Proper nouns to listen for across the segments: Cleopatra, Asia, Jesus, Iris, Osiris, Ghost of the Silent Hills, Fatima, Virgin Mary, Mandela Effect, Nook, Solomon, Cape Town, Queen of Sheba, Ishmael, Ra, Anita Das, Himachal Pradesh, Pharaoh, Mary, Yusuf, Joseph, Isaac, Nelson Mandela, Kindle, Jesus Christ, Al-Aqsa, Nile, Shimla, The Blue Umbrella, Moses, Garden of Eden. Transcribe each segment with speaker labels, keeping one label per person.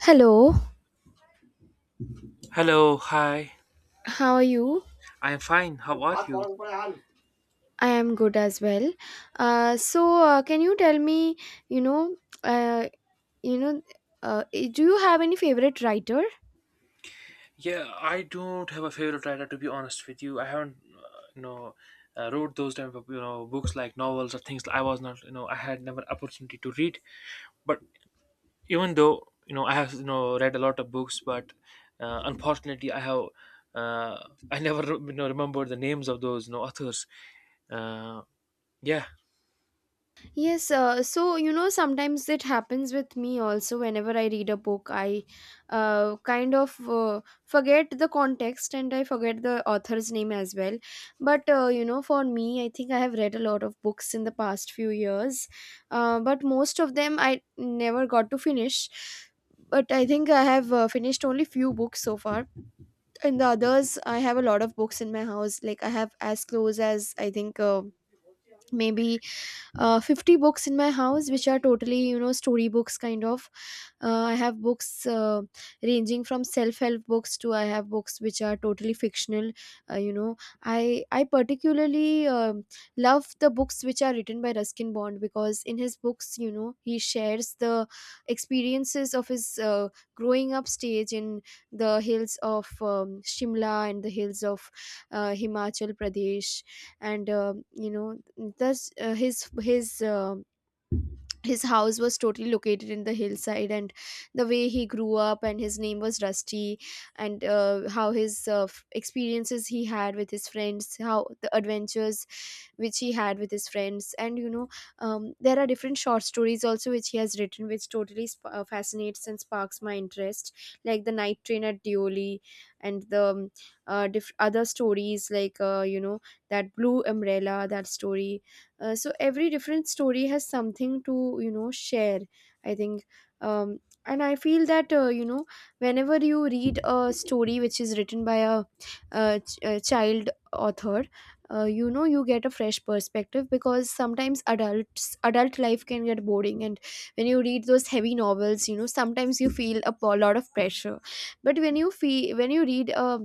Speaker 1: Hello,
Speaker 2: Hello, hi.
Speaker 1: how are you?
Speaker 2: I'm fine. How about you?
Speaker 1: I am good as well. So, can you tell me, you know, uh, you know, do you have any favorite writer?
Speaker 2: Yeah, I don't have a favorite writer to be honest with you. I haven't, wrote those type of books like novels or things. I was not, you know, I had never opportunity to read. But even though I have read a lot of books, but unfortunately I have uh, I never remember the names of those authors. Uh, yeah,
Speaker 1: Yes, so sometimes it happens with me also. Whenever I read a book, I kind of forget the context, and I forget the author's name as well. But for me, I think I have read a lot of books in the past few years, but most of them I never got to finish. But I think I have finished only few books so far, and the others, I have a lot of books in my house. Like I have as close as I think. Maybe 50 books in my house, which are totally, story books kind of. I have books, ranging from self help books to, I have books which are totally fictional. uh, you know I particularly love the books which are written by Ruskin Bond, because in his books, he shares the experiences of his, growing up stage in the hills of, Shimla, and the hills of, Himachal Pradesh. And thus, his house was totally located in the hillside, and the way he grew up, and his name was Rusty. And how his experiences he had with his friends, how the adventures which he had with his friends, and there are different short stories also which he has written, which totally fascinates and sparks my interest, like The Night Train at Dioli, and the, other stories like, that Blue Umbrella, that story. So every different story has something to, share, I think. um, and I feel that, whenever you read a story which is written by a child author, you get a fresh perspective, because sometimes adult life can get boring. And when you read those heavy novels, sometimes you feel a lot of pressure. But when you read a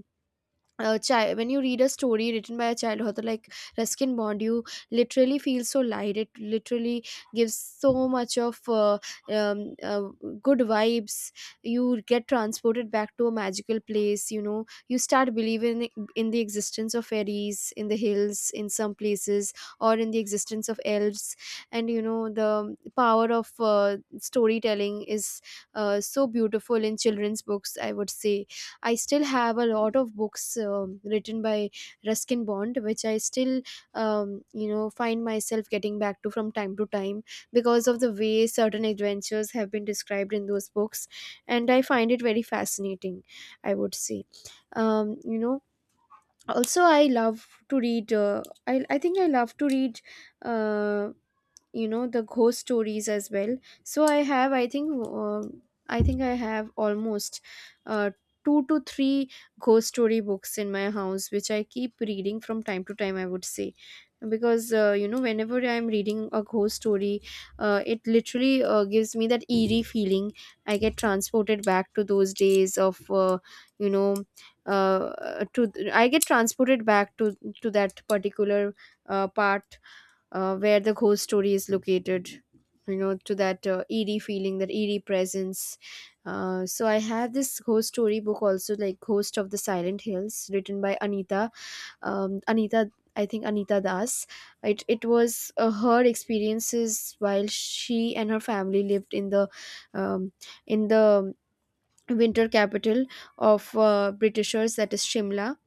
Speaker 1: a child when you read a story written by a child author like Ruskin Bond, you literally feel so light. It literally gives so much of, um, uh, good vibes. You get transported back to a magical place. You start believing in the existence of fairies in the hills, in some places, or in the existence of elves. And the power of, storytelling is, so beautiful in children's books, I would say. I still have a lot of books, written by Ruskin Bond, which I still, find myself getting back to from time to time, because of the way certain adventures have been described in those books, and I find it very fascinating. I would say, um, you know, also I love to read. I think I love to read. Uh, the ghost stories as well. So I think, I think I have almost, uh, two to three ghost story books in my house, which I keep reading from time to time, I would say, because, whenever I'm reading a ghost story, it literally, gives me that eerie feeling. I get transported back to those days of, you know to I get transported back to that particular, part, where the ghost story is located. To that, eerie feeling, that eerie presence. So I have this ghost story book also, like Ghost of the Silent Hills, written by Anita, Anita, I think Anita Das. It was, her experiences while she and her family lived in the, um, in the winter capital of, Britishers, that is, Shimla.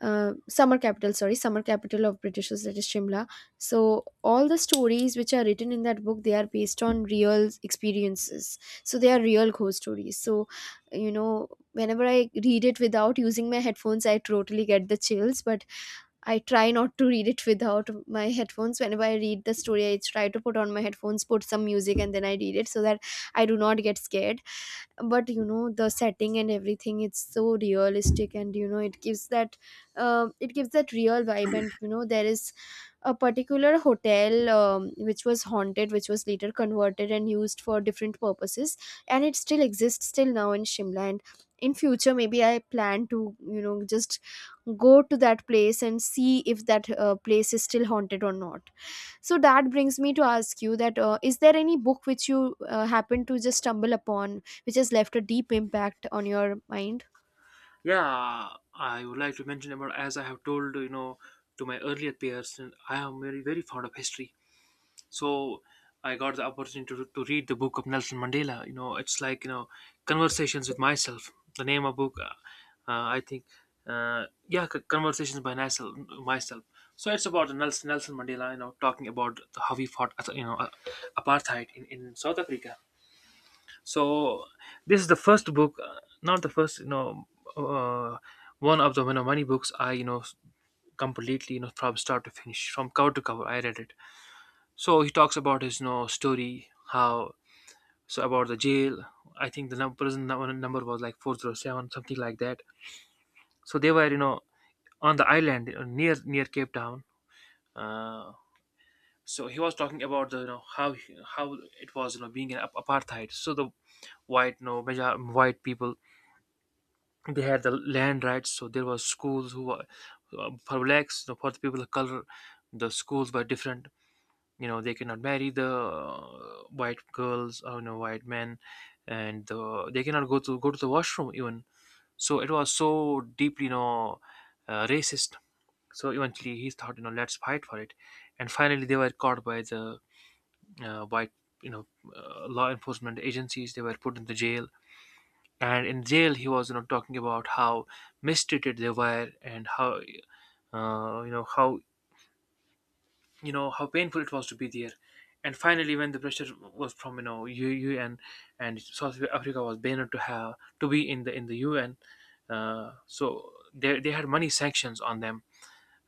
Speaker 1: Summer capital, sorry, summer capital of Britishers, that is, Shimla. So all the stories which are written in that book, they are based on real experiences, so they are real ghost stories. So you know whenever I read it without using my headphones, I totally get the chills. But I try not to read it without my headphones. Whenever I read the story, I try to put on my headphones, put some music, and then I read it, so that I do not get scared. But the setting and everything, it's so realistic. And it gives that real vibe. And there is a particular hotel, which was haunted, which was later converted and used for different purposes, and it still exists till now in Shimla. And in future, maybe I plan to, just go to that place and see if that, place is still haunted or not. So that brings me to ask you that, is there any book which you, happen to just stumble upon, which has left a deep impact on your mind?
Speaker 2: yeah, I would like to mention about, as I have told, to my earlier peers, I am very fond of history. So I got the opportunity to read the book of Nelson Mandela, you know. It's like, Conversations with Myself. The name of book, I think, yeah, Conversations by Nelson Myself. So it's about Nelson Mandela, you know, talking about how he fought, apartheid in South Africa. So this is the first book, not the first, you know, uh, one of the, you know, many books I, you know, completely, you know, from start to finish, from cover to cover, I read it. So he talks about his, you know, story. How, so, about the jail. I think the number, number was like 407, something like that. So they were, you know, on the island, near Cape Town. Uh, so he was talking about the, you know, how it was, you know, being an apartheid. So the white, you know, major, white people, they had the land rights. So there was schools who were, for blacks, you know, for the people of color, the schools were different. You know, they cannot marry the, white girls or, you know, white men, and, they cannot go to the washroom even. So it was so deeply, you know, racist. So eventually he thought, you know, let's fight for it. And finally they were caught by the, white, you know, law enforcement agencies. They were put in the jail. And in jail he was, you know, talking about how mistreated they were and how, uh, you know how how painful it was to be there. And finally, when the pressure was from, you know, U UN, and South Africa was banned to have to be in the UN, so they had many sanctions on them,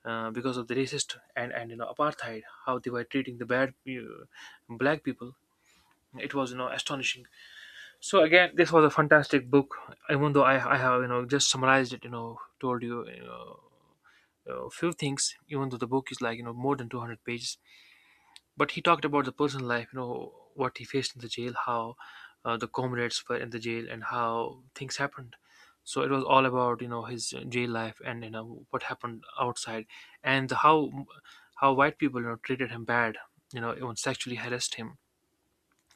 Speaker 2: because of the racist and you know, apartheid, how they were treating the bad, black people. It was, you know, astonishing. So again, this was a fantastic book. Even though I have, you know, just summarized it, you know, told you, you know, a few things, even though the book is like, you know, more than 200 pages. But he talked about the personal life, you know, what he faced in the jail, how, the comrades were in the jail and how things happened. So it was all about, you know, his, jail life and, you know, what happened outside. And how white people, you know, treated him bad, you know, even sexually harassed him.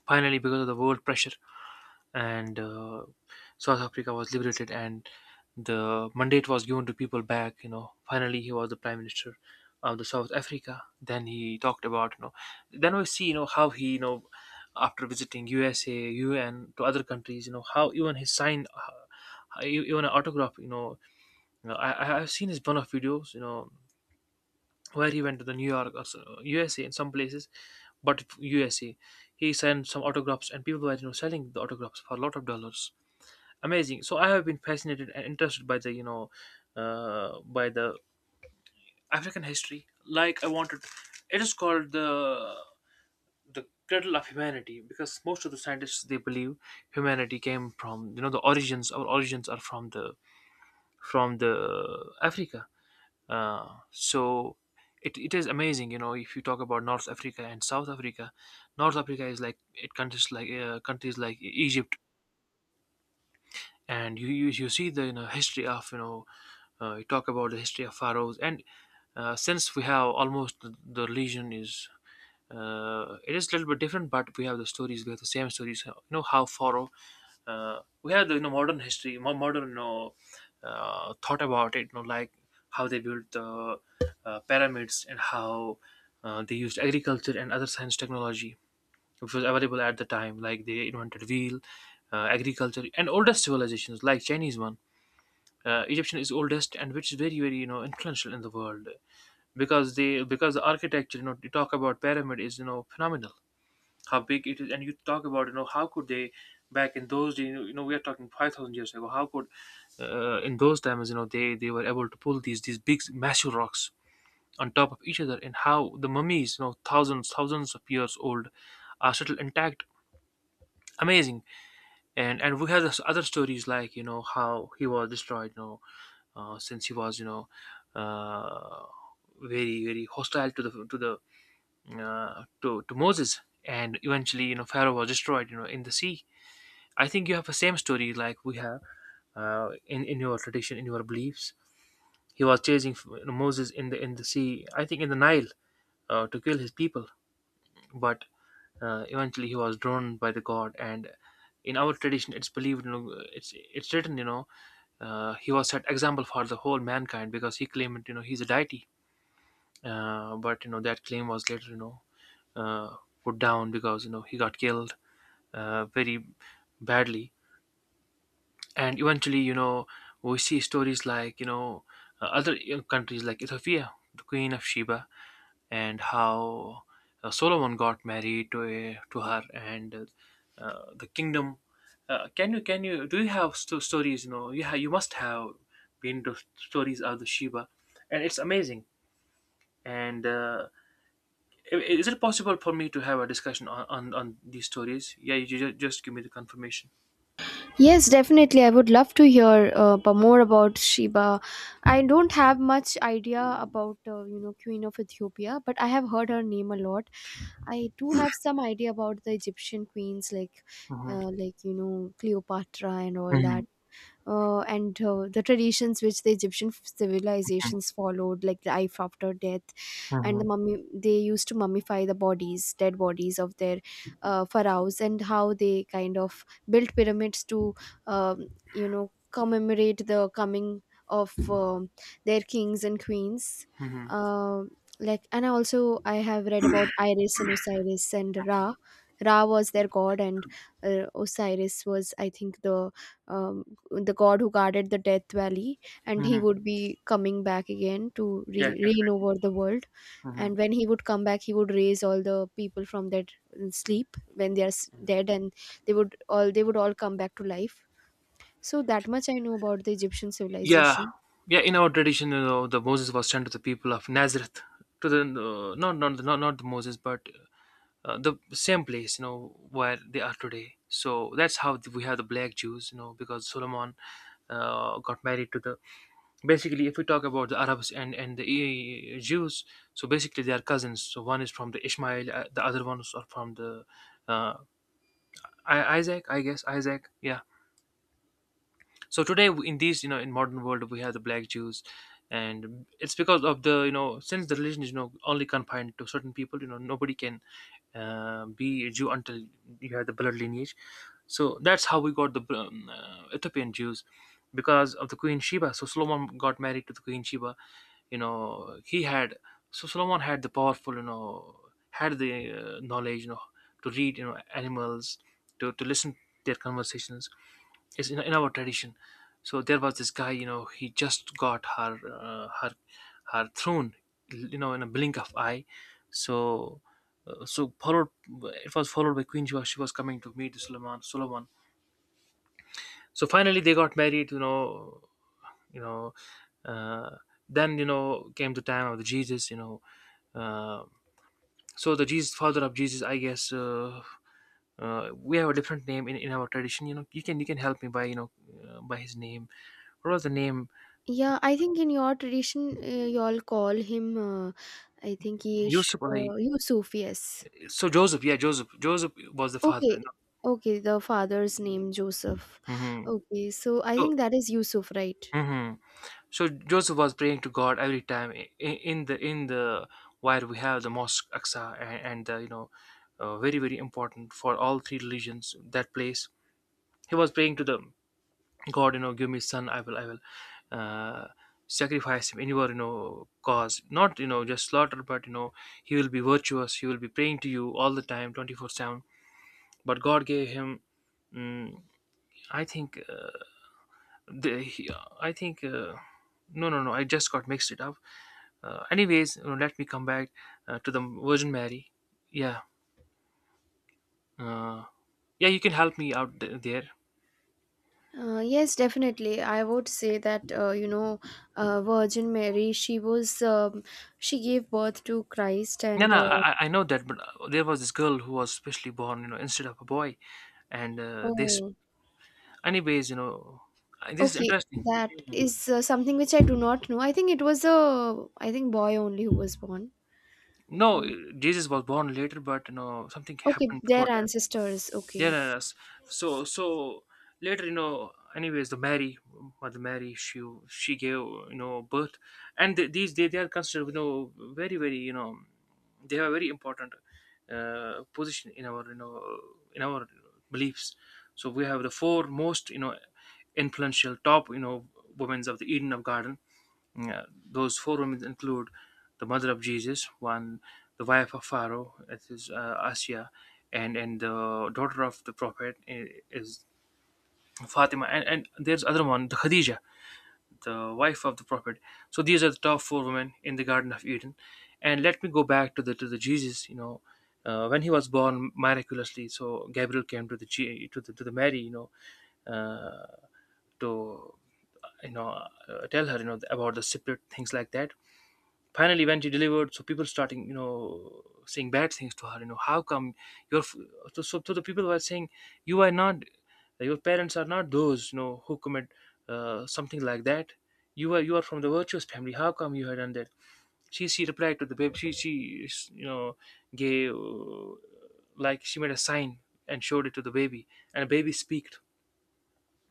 Speaker 2: Finally, because of the world pressure, and, South Africa was liberated, and the mandate was given to people back, you know. Finally he was the prime minister of the South Africa. Then he talked about, you know, then we see, you know, how he, you know, after visiting USA, UN, to other countries, you know, how even his sign, even an autograph, you know, I've seen his one of videos, you know, where he went to the New York or USA, in some places, but USA he signed some autographs, and people were, you know, selling the autographs for a lot of dollars. Amazing. So I have been fascinated and interested by the, you know, by the African history. Like I wanted, it is called the cradle of humanity, because most of the scientists, they believe humanity came from, you know, the origins, our origins are from the, from the Africa. Uh, so it is amazing, you know. If you talk about North Africa and South Africa, North Africa is like, it, countries like, countries like Egypt, and you, you see the, you know, history of, you know, you talk about the history of pharaohs. And, since we have almost the religion is, it is a little bit different, but we have the stories, we have the same stories, you know, how pharaoh, we have the, you know, modern history, more modern, you know, thought about it, you know, like how they built the, pyramids, and how, they used agriculture and other science technology which was available at the time. Like they invented wheel, agriculture, and oldest civilizations like Chinese one. Egyptian is oldest, and which is very very you know influential in the world, because they, because the architecture, you know, you talk about pyramid is, you know, phenomenal. How big it is, and you talk about, you know, how could they, back in those days, you know, you know, we are talking 5,000 years ago. How could, in those times, you know, they were able to pull these big massive rocks on top of each other. And how the mummies, you know, thousands of years old are still intact. Amazing. And we have this other stories, like, you know, how he was destroyed, you know, since he was, you know, uh, very hostile to the, to Moses, and eventually, you know, pharaoh was destroyed, you know, in the sea. I think you have the same story like we have, in your tradition, in your beliefs. He was chasing, you know, Moses in the, in the sea, I think in the Nile, to kill his people. But, eventually he was drawn by the god. And in our tradition it's believed, you know, it's written, you know, he was set example for the whole mankind, because he claimed, you know, he's a deity. Uh, but you know, that claim was later, you know, uh, put down, because, you know, he got killed, very badly. And eventually, you know, we see stories like, you know, other, you know, countries like Ethiopia, the queen of Sheba. And how, Solomon got married to to her. And, the kingdom, can you, can you, do you have stories, you know, you you must have been to stories of the Sheba. And it's amazing. And, i- is it possible for me to have a discussion on these stories? Yeah, you just give me the confirmation.
Speaker 1: Yes, definitely. I would love to hear, more about Sheba. I don't have much idea about, Queen of Ethiopia, but I have heard her name a lot. I do have some idea about the Egyptian queens, like,
Speaker 2: Hmm.
Speaker 1: like, Cleopatra and all
Speaker 2: Hmm.
Speaker 1: that. And, the traditions which the Egyptian civilizations followed, like life after death, and the
Speaker 2: Hmm.
Speaker 1: mummy, they used to mummify the bodies, dead bodies of their, pharaohs, and how they kind of built pyramids to, commemorate the coming of, their kings and queens.
Speaker 2: Hmm.
Speaker 1: Um like, and also I have read about Iris and Osiris and Ra. Ra was their god. And, Osiris was, I think, the, um, the god who guarded the death valley, and he
Speaker 2: Hmm.
Speaker 1: would be coming back again to
Speaker 2: Yeah,
Speaker 1: reign over the world. And
Speaker 2: mhm.
Speaker 1: when he would come back, he would raise all the people from their, sleep, when they are dead. And they would all come back to life. So that much I know about the Egyptian
Speaker 2: Yeah,
Speaker 1: civilization.
Speaker 2: yeah. In our tradition, you know, the Moses was sent to the people of Nazareth, to the, not the Moses, but, the same place, you know, where they are today. So that's how we have the black Jews, you know, because Solomon, got married to the. Basically, if we talk about the Arabs and the, Jews, so basically they are cousins. So one is from the Ishmael, the other ones are from the, uh, Isaac, I guess, Isaac. Yeah. So today, in these, you know, in modern world, we have the black Jews. And it's because of the, you know, since the religion is, you know, only confined to certain people, you know, nobody can, be a Jew until you have the blood lineage. So that's how we got the, Ethiopian Jews, because of the Queen Sheba. So Solomon got married to the Queen Sheba. You know, he had, so Solomon had the powerful, you know, had the, knowledge, you know, to read, you know, animals, to listen to their conversations, is in our tradition. So there was this guy, you know, he just got her, her, her throne, you know, in a blink of eye. So, so followed, it was followed by Queen Jua. She was coming to meet Suleiman. Suleiman. So finally they got married. You know, you know. Uh, then, you know, came the time of the Jesus. You know. Uh, so the jesus father of Jesus, I guess, we have a different name in our tradition. You know, you can help me by, you know, by his name. What was the name?
Speaker 1: Yeah, I think in your tradition, you all call him, I think he is,
Speaker 2: Yusuf alai.
Speaker 1: Yusuf. Yes.
Speaker 2: So Joseph. Yeah, Joseph was the father.
Speaker 1: Okay.
Speaker 2: You.
Speaker 1: Okay, the father's name Joseph.
Speaker 2: Hmm.
Speaker 1: Okay, so I
Speaker 2: so
Speaker 1: think that is Yusuf, right?
Speaker 2: hmm. So Joseph was praying to God every time, in the where we have the Mosque Aqsa, and the, you know, very very important for all three religions, that place. He was praying to them, God, you know, give me son. I will uh, sacrifice him in your, you know, cause, not, you know, just slaughter, but, you know, he will be virtuous, he will be praying to you all the time, 24/7. But God gave him, mm, I think, the, he, I think, no, no, no, I just got mixed it up. Anyways, you know, let me come back to the Virgin Mary. Yeah. uh, yeah, you can help me out there.
Speaker 1: Yes, definitely. I would say that, Virgin Mary. She was, she gave birth to Christ,
Speaker 2: Yeah,
Speaker 1: and,
Speaker 2: no, I know that, but there was this girl who was specially born, you know, instead of a boy, and, this,
Speaker 1: oh.
Speaker 2: anyways, you know, this is
Speaker 1: Okay,
Speaker 2: interesting.
Speaker 1: that is, something which I do not know. I think it was a, I think, boy only who was born.
Speaker 2: No,
Speaker 1: Um
Speaker 2: Jesus was born later, but you know, something
Speaker 1: okay,
Speaker 2: happened
Speaker 1: their
Speaker 2: before.
Speaker 1: ancestors.
Speaker 2: Yeah,
Speaker 1: Okay.
Speaker 2: no, no. So later, you know, anyways, the Mary, Mother Mary, she gave, you know, birth, and these, they are considered, you know, very very, you know, they have a very important position in our, you know, in our beliefs. So we have the four most, you know, influential, top, you know, women of the Eden of Garden. uh, those four women include the mother of Jesus, one; the wife of Pharaoh, it is Asia; and the daughter of the prophet is Fatima; and there's other one, the Khadija, the wife of the prophet. So these are the top four women in the Garden of Eden, and let me go back to the Jesus. You know, when he was born miraculously, so Gabriel came to the to the to the Mary. You know. Uh, to you know tell her about the spirit, things like that. Finally when she delivered, so people starting, you know, saying bad things to her, you know, how come your so the people were saying, You are not, your parents are not those, you know, who commit something like that. You are from the virtuous family, how come you had done that. She replied to the babe. She, you know, gave, like she made a sign, and showed it to the baby, and the baby speaked.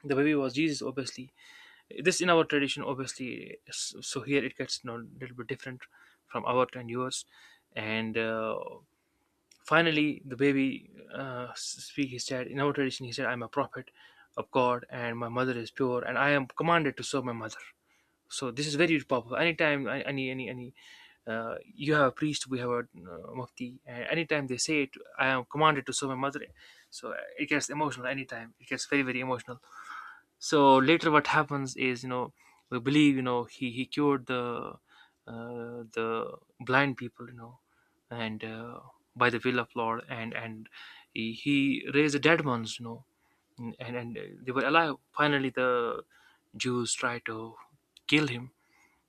Speaker 2: The baby was Jesus obviously. This in our tradition obviously. So here it gets, you know, a little bit different from our and yours. And finally the baby, speak, he said in our tradition, he said, I'm a prophet of God, and my mother is pure, and I am commanded to serve my mother. So this is very powerful anytime. Any you have a priest, we have a mufti, and anytime they say it, I am commanded to serve my mother. So it gets emotional anytime. It gets very very emotional. So later what happens is, you know, we believe, you know, he cured the uh, the blind people, you know. And by the will of Lord, and he raised the dead ones, you know. And they were alive. Finally the Jews tried to kill him,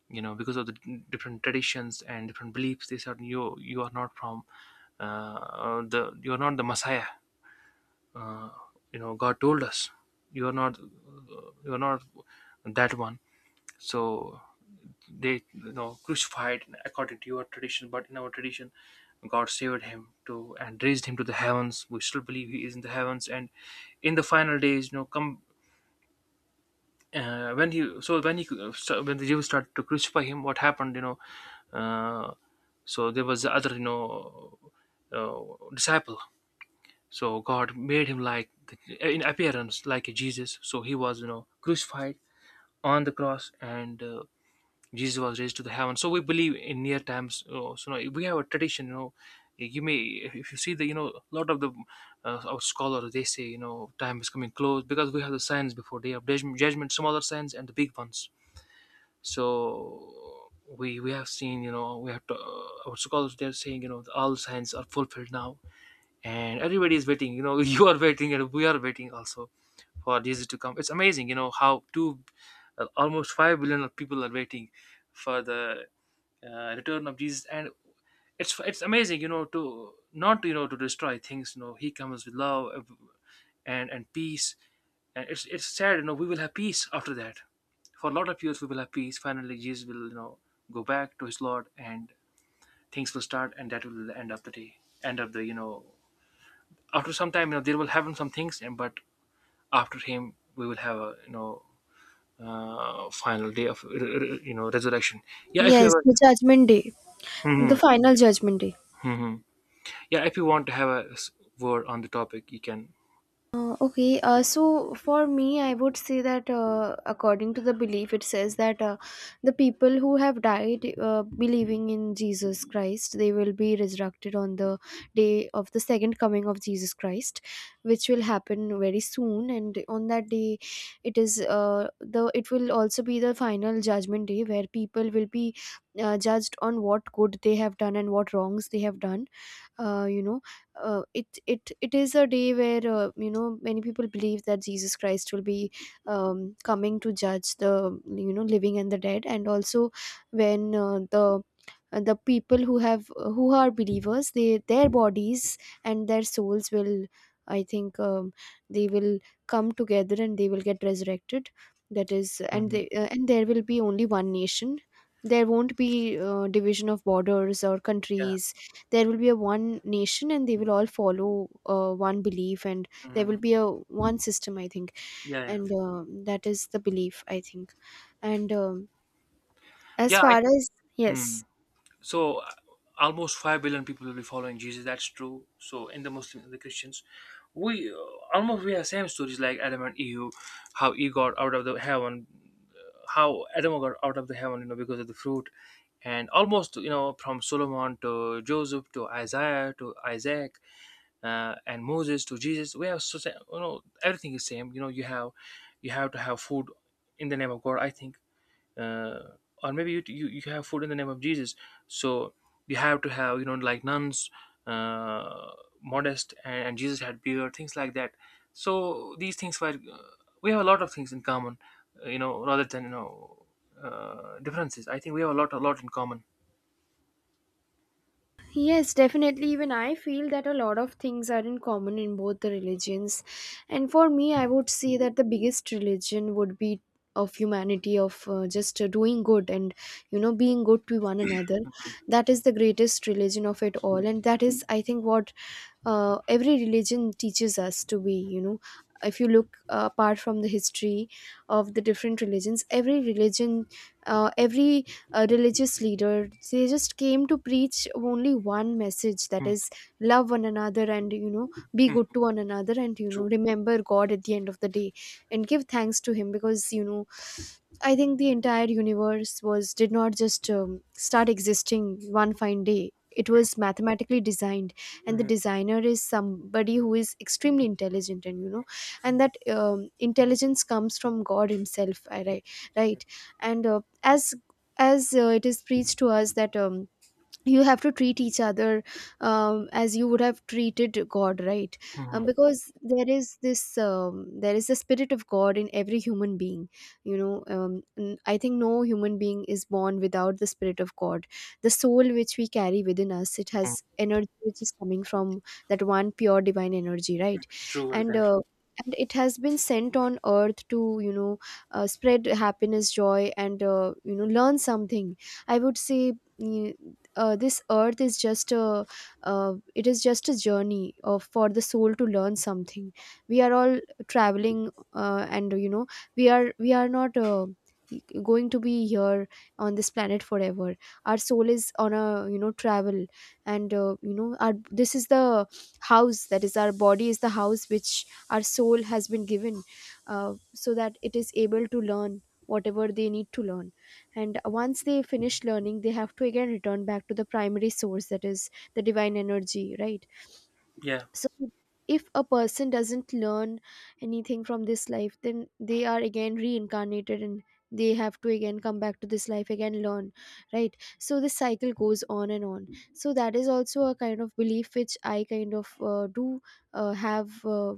Speaker 2: you know, because of the different traditions and different beliefs. They said, you are not from, the you are not the messiah. uh, you know, God told us, you are not, you are not that one. So they, you know, crucified according to your tradition, but in our tradition, God saved him to, and raised him to the heavens. We still believe he is in the heavens, and in the final days, you know, come. When he, so when he, so when the Jews started to crucify him, what happened, you know, uh, so there was the other, you know, uh, disciple. So God made him like, in appearance, like a Jesus. So he was, you know, crucified on the cross, and Jesus was raised to the heaven. So we believe in near times. So you know, we have a tradition. You know, you may, if you see the, you know, a lot of the our scholars, they say, you know, time is coming close, because we have the signs before day of judgment, smaller signs and the big ones. So we have seen, you know, we have to, our scholars they're saying, you know, all signs are fulfilled now, and everybody is waiting, you know, you are waiting and we are waiting also for Jesus to come. It's amazing, you know, how two, almost 5 billion of people are waiting for the return of Jesus. And it's amazing, you know, to not, you know, to destroy things, you know, he comes with love, and peace. And it's sad, you know, we will have peace after that, for a lot of years we will have peace. Finally Jesus will, you know, go back to his Lord, and things will start, and that will end up the day, end up the, you know, after some time, you know, there will happen some things, and but after him we will have a, you know, final day of, you know, resurrection. Yeah, if you
Speaker 1: Yes,
Speaker 2: have a.
Speaker 1: the judgment day,
Speaker 2: Hmm.
Speaker 1: the final judgment day.
Speaker 2: Hmm. Hmm. Yeah, if you want to have a word on the topic, you can.
Speaker 1: Okay, so for me, I would say that, according to the belief, it says that, the people who have died, believing in Jesus Christ, they will be resurrected on the day of the second coming of Jesus Christ, which will happen very soon. And on that day, it is, the it will also be the final judgment day, where people will be, judged on what good they have done and what wrongs they have done. uh, you know it is a day where, many people believe that Jesus Christ will be, coming to judge the, living and the dead. And also when, the people who have, who are believers, they, their bodies and their souls will, I think, they will come together and they will get resurrected. That is, and
Speaker 2: Hmm.
Speaker 1: they, and there will be only one nation. There won't be, division of borders or
Speaker 2: Yeah.
Speaker 1: countries. There will be a one nation, and they will all follow, one belief. And there will
Speaker 2: Hmm.
Speaker 1: be a one system, I think.
Speaker 2: Yeah, yeah,
Speaker 1: And that is the belief, I think. And, as
Speaker 2: yeah.
Speaker 1: far
Speaker 2: I,
Speaker 1: as, yes.
Speaker 2: mhm. So almost 5 billion people will be following Jesus, that's true. So in the Muslim, the Christians, we, almost we have same stories, like Adam and Eve, how he got out of the heaven. How Adam got out of the heaven, you know, because of the fruit. And almost, you know, from Solomon to Joseph to Isaiah to Isaac, and Moses to Jesus, we have so you know, everything is same, you know, you have, you have to have food in the name of God, I think. uh, or maybe you have food in the name of Jesus. So you have to have, you know, like nuns, uh, modest, and Jesus had beard, things like that. So these things were, we have a lot of things in common, you know, rather than, you know, differences, I think we have a lot, a lot in common.
Speaker 1: Yes, definitely. Even I feel that a lot of things are in common in both the religions. And for me, I would say that the biggest religion would be of humanity, of, just, doing good, and, being good to one another. That is the greatest religion of it all. And that is, I think, what every religion teaches us to be. If you look, apart from the history of the different religions, every religion, every religious leader, they just came to preach only one message, that
Speaker 2: Mm,
Speaker 1: is love one another, and be
Speaker 2: mm,
Speaker 1: good to one another, and
Speaker 2: true.
Speaker 1: remember God at the end of the day and give thanks to him, because I think the entire universe was, did not just start existing one fine day. It was mathematically designed, and the
Speaker 2: Mhm,
Speaker 1: designer is somebody who is extremely intelligent. And and that intelligence comes from God himself, right? Right. And uh, as as uh, it is preached to us that, you have to treat each other, as you would have treated God, right?
Speaker 2: mhm,
Speaker 1: Because there is this, there is the spirit of God in every human being, you know. I think no human being is born without the spirit of God. The soul which we carry within us, it
Speaker 2: mm,
Speaker 1: has energy which is coming from that one pure divine energy, right?
Speaker 2: true,
Speaker 1: and
Speaker 2: exactly.
Speaker 1: uh, and it has been sent on earth to, you know, spread happiness, joy, and, learn something, I would say. mm, this earth is just a, it is just a journey of, for the soul to learn something. We are all traveling, and we are not, going to be here on this planet forever. Our soul is on a, you know, travel. And our, this is the house, that is our body, is the house which our soul has been given, so that it is able to learn whatever they need to learn. And once they finish learning, they have to again return back to the primary source, that is the divine energy, right?
Speaker 2: Yeah.
Speaker 1: So if a person doesn't learn anything from this life, then they are again reincarnated, and they have to again come back to this life, again learn, right? So this cycle goes on and on. So that is also a kind of belief which I kind of do have, uh,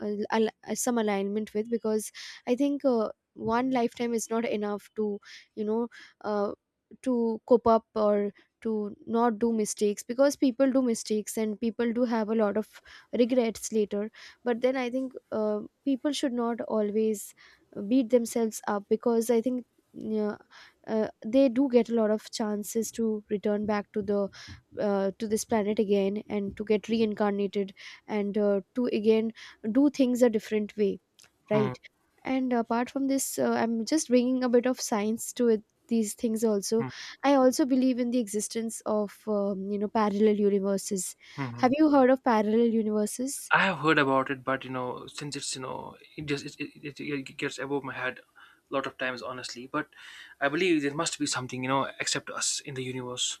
Speaker 1: al- al- uh, some alignment with, because I think, one lifetime is not enough to, you know, uh, to cope up, or to not do mistakes, because people do mistakes and people do have a lot of regrets later. But then I think, people should not always beat themselves up, because I think, yeah, they do get a lot of chances to return back to the, to this planet again, and to get reincarnated, and to again do things a different way,
Speaker 2: Mhm,
Speaker 1: right? And apart from this, I'm just bringing a bit of science to it, these things also.
Speaker 2: mhm,
Speaker 1: I also believe in the existence of, you know, parallel universes. Have
Speaker 2: mhm.
Speaker 1: you heard of parallel universes?
Speaker 2: I have heard about it, but you know, since it's, you know, it just, it gets above my head a lot of times, honestly. But I believe there must be something, you know, except us in the universe.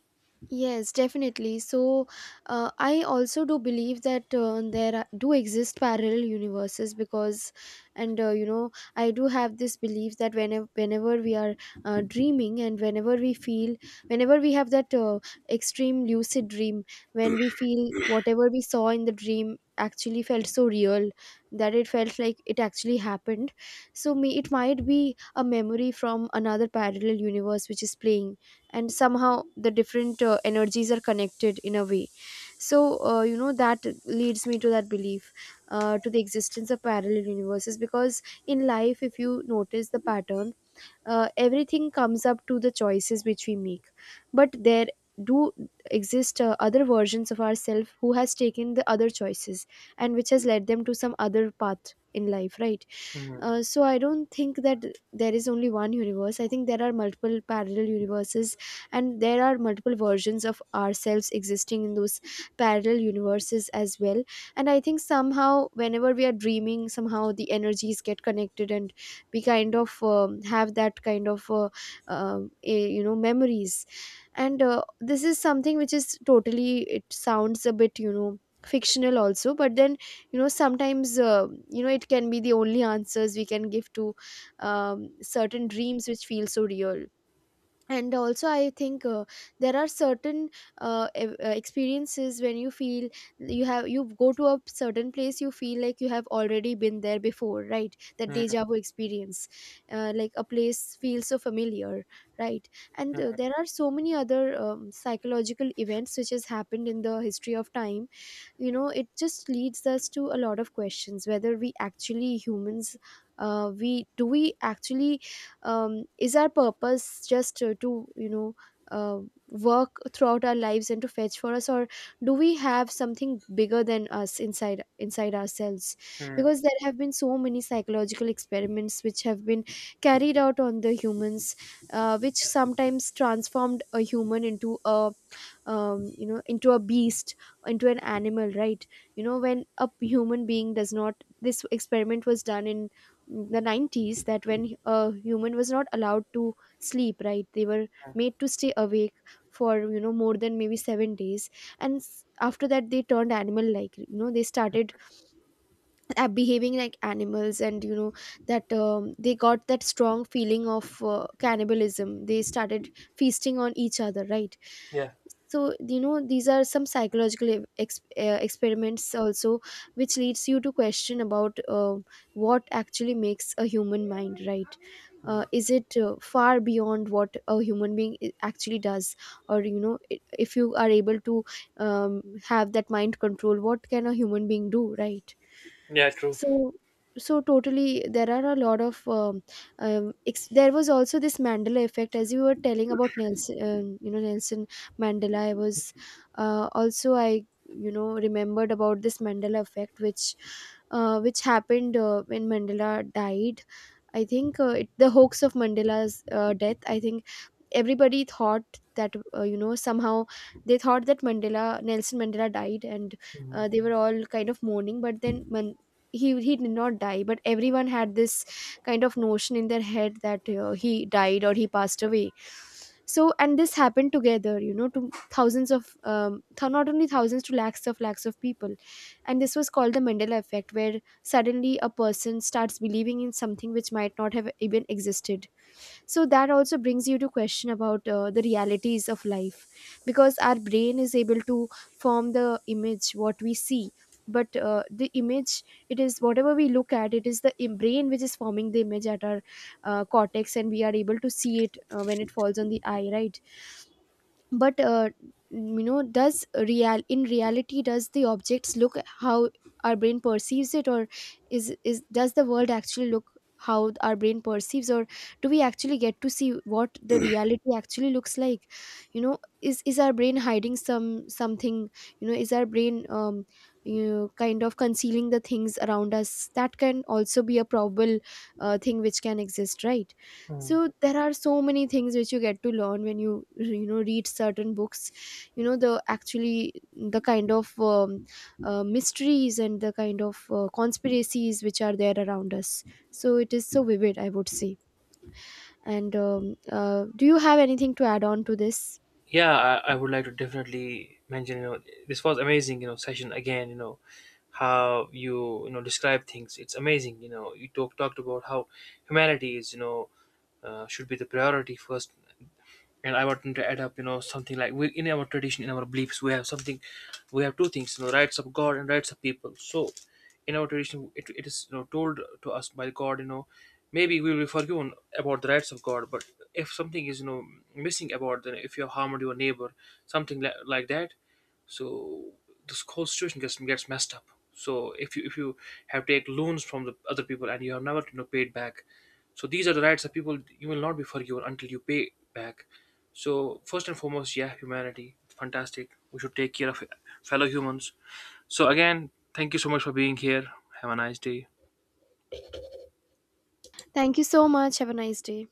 Speaker 1: Yes, definitely. So, I also do believe that, there are, do exist parallel universes because, and you know, I do have this belief that, whenever we are dreaming, and whenever we feel, whenever we have that, extreme lucid dream, when we feel whatever we saw in the dream actually felt so real, that it felt like it actually happened. So, me, it might be a memory from another parallel universe which is playing, and somehow the different energies are connected in a way. So, you know, that leads me to that belief, to the existence of parallel universes, because in life if you notice the pattern, everything comes up to the choices which we make. But there do exist other versions of ourselves who has taken the other choices, and which has led them to some other path in life, right?
Speaker 2: Hmm.
Speaker 1: So I don't think that there is only one universe. I think there are multiple parallel universes, and there are multiple versions of ourselves existing in those parallel universes as well. And I think somehow, whenever we are dreaming, somehow the energies get connected, and we kind of have that kind of, you know, memories. And this is something which is totally. It sounds a bit, you know, fictional also, but then, you know, sometimes, you know, it can be the only answers we can give to, certain dreams which feel so real. And also I think, there are certain experiences when you feel, you have, you go to a certain place, you feel like you have already been there before, right? That
Speaker 2: Hmm.
Speaker 1: deja vu experience. Like a place feels so familiar, right? And there are so many other psychological events which has happened in the history of time. You know, it just leads us to a lot of questions, whether we actually humans, we actually, is our purpose just, to uh, work throughout our lives and to fetch for us, or do we have something bigger than us inside ourselves?
Speaker 2: Mm.
Speaker 1: Because there have been so many psychological experiments which have been carried out on the humans, which sometimes transformed a human into a, you know, into a beast, into an animal, right? You know, when a human being does not, this experiment was done in the 90s, that when a human was not allowed to sleep, right, they were made to stay awake for, you know, more than maybe 7 days, and after that they turned animal like you know, they started behaving like animals, and you know that, they got that strong feeling of cannibalism. They started feasting on each other, right?
Speaker 2: Yeah,
Speaker 1: So you know, these are some psychological experiments also, which leads you to question about, what actually makes a human mind, right?
Speaker 2: mm.
Speaker 1: Is it far beyond what a human being actually does? Or, you know, if you are able to, have that mind control, what can a human being do, right?
Speaker 2: Yeah, true.
Speaker 1: So so totally, there are a lot of, there was also this Mandela effect, as you were telling about Nelson, you know, Nelson Mandela. I was, also I you know, remembered about this Mandela effect, which, which happened, when Mandela died. I think, it, the hoax of Mandela's death, I think, everybody thought that, you know, somehow they thought that Mandela, Nelson Mandela, died, and
Speaker 2: Mhm.
Speaker 1: they were all kind of mourning. But then when he did not die, but everyone had this kind of notion in their head that, he died or he passed away. So, and this happened together, you know, to thousands of, not only thousands, to lakhs of people. And this was called the Mandela effect, where suddenly a person starts believing in something which might not have even existed. So that also brings you to question about, the realities of life. Because our brain is able to form the image what we see, but the image, it is, whatever we look at, it is the brain which is forming the image at our cortex, and we are able to see it when it falls on the eye, right? But does real, in reality, does the objects look how our brain perceives it? Or is, does the world actually look how our brain perceives? Or do we actually get to see what the reality actually looks like? You know, is our brain hiding something? You know, is our brain, you know, kind of concealing the things around us? That can also be a probable, thing which can exist, right? So there are so many things which you get to learn when you know, read certain books. You know, the actually the kind of, mysteries, and the kind of conspiracies which are there around us. So it is so vivid, I would say. And do you have anything to add on to this?
Speaker 2: Yeah, I would like to definitely mention, you know, this was amazing, you know, session again, you know, how you, you know, describe things. It's amazing, you know, you talked about how humanity is, you know, should be the priority first. And I want to add up, you know, something like we in our tradition, in our beliefs, we have something, we have two things, you know, rights of God and rights of people. So, in our tradition, it is, you know, told to us by God, you know, maybe we will be forgiven about the rights of God. But if something is, you know, missing about, then if you have harmed your neighbor, something like that, so this whole situation gets messed up. So if you, if you have take loans from the other people, and you have never, you know, paid back, so these are the rights of people, you will not be forgiven until you pay back. So first and foremost, yeah, humanity, fantastic. We should take care of fellow humans. So again, thank you so much for being here. Have a nice day.
Speaker 1: Thank you so much, have a nice day.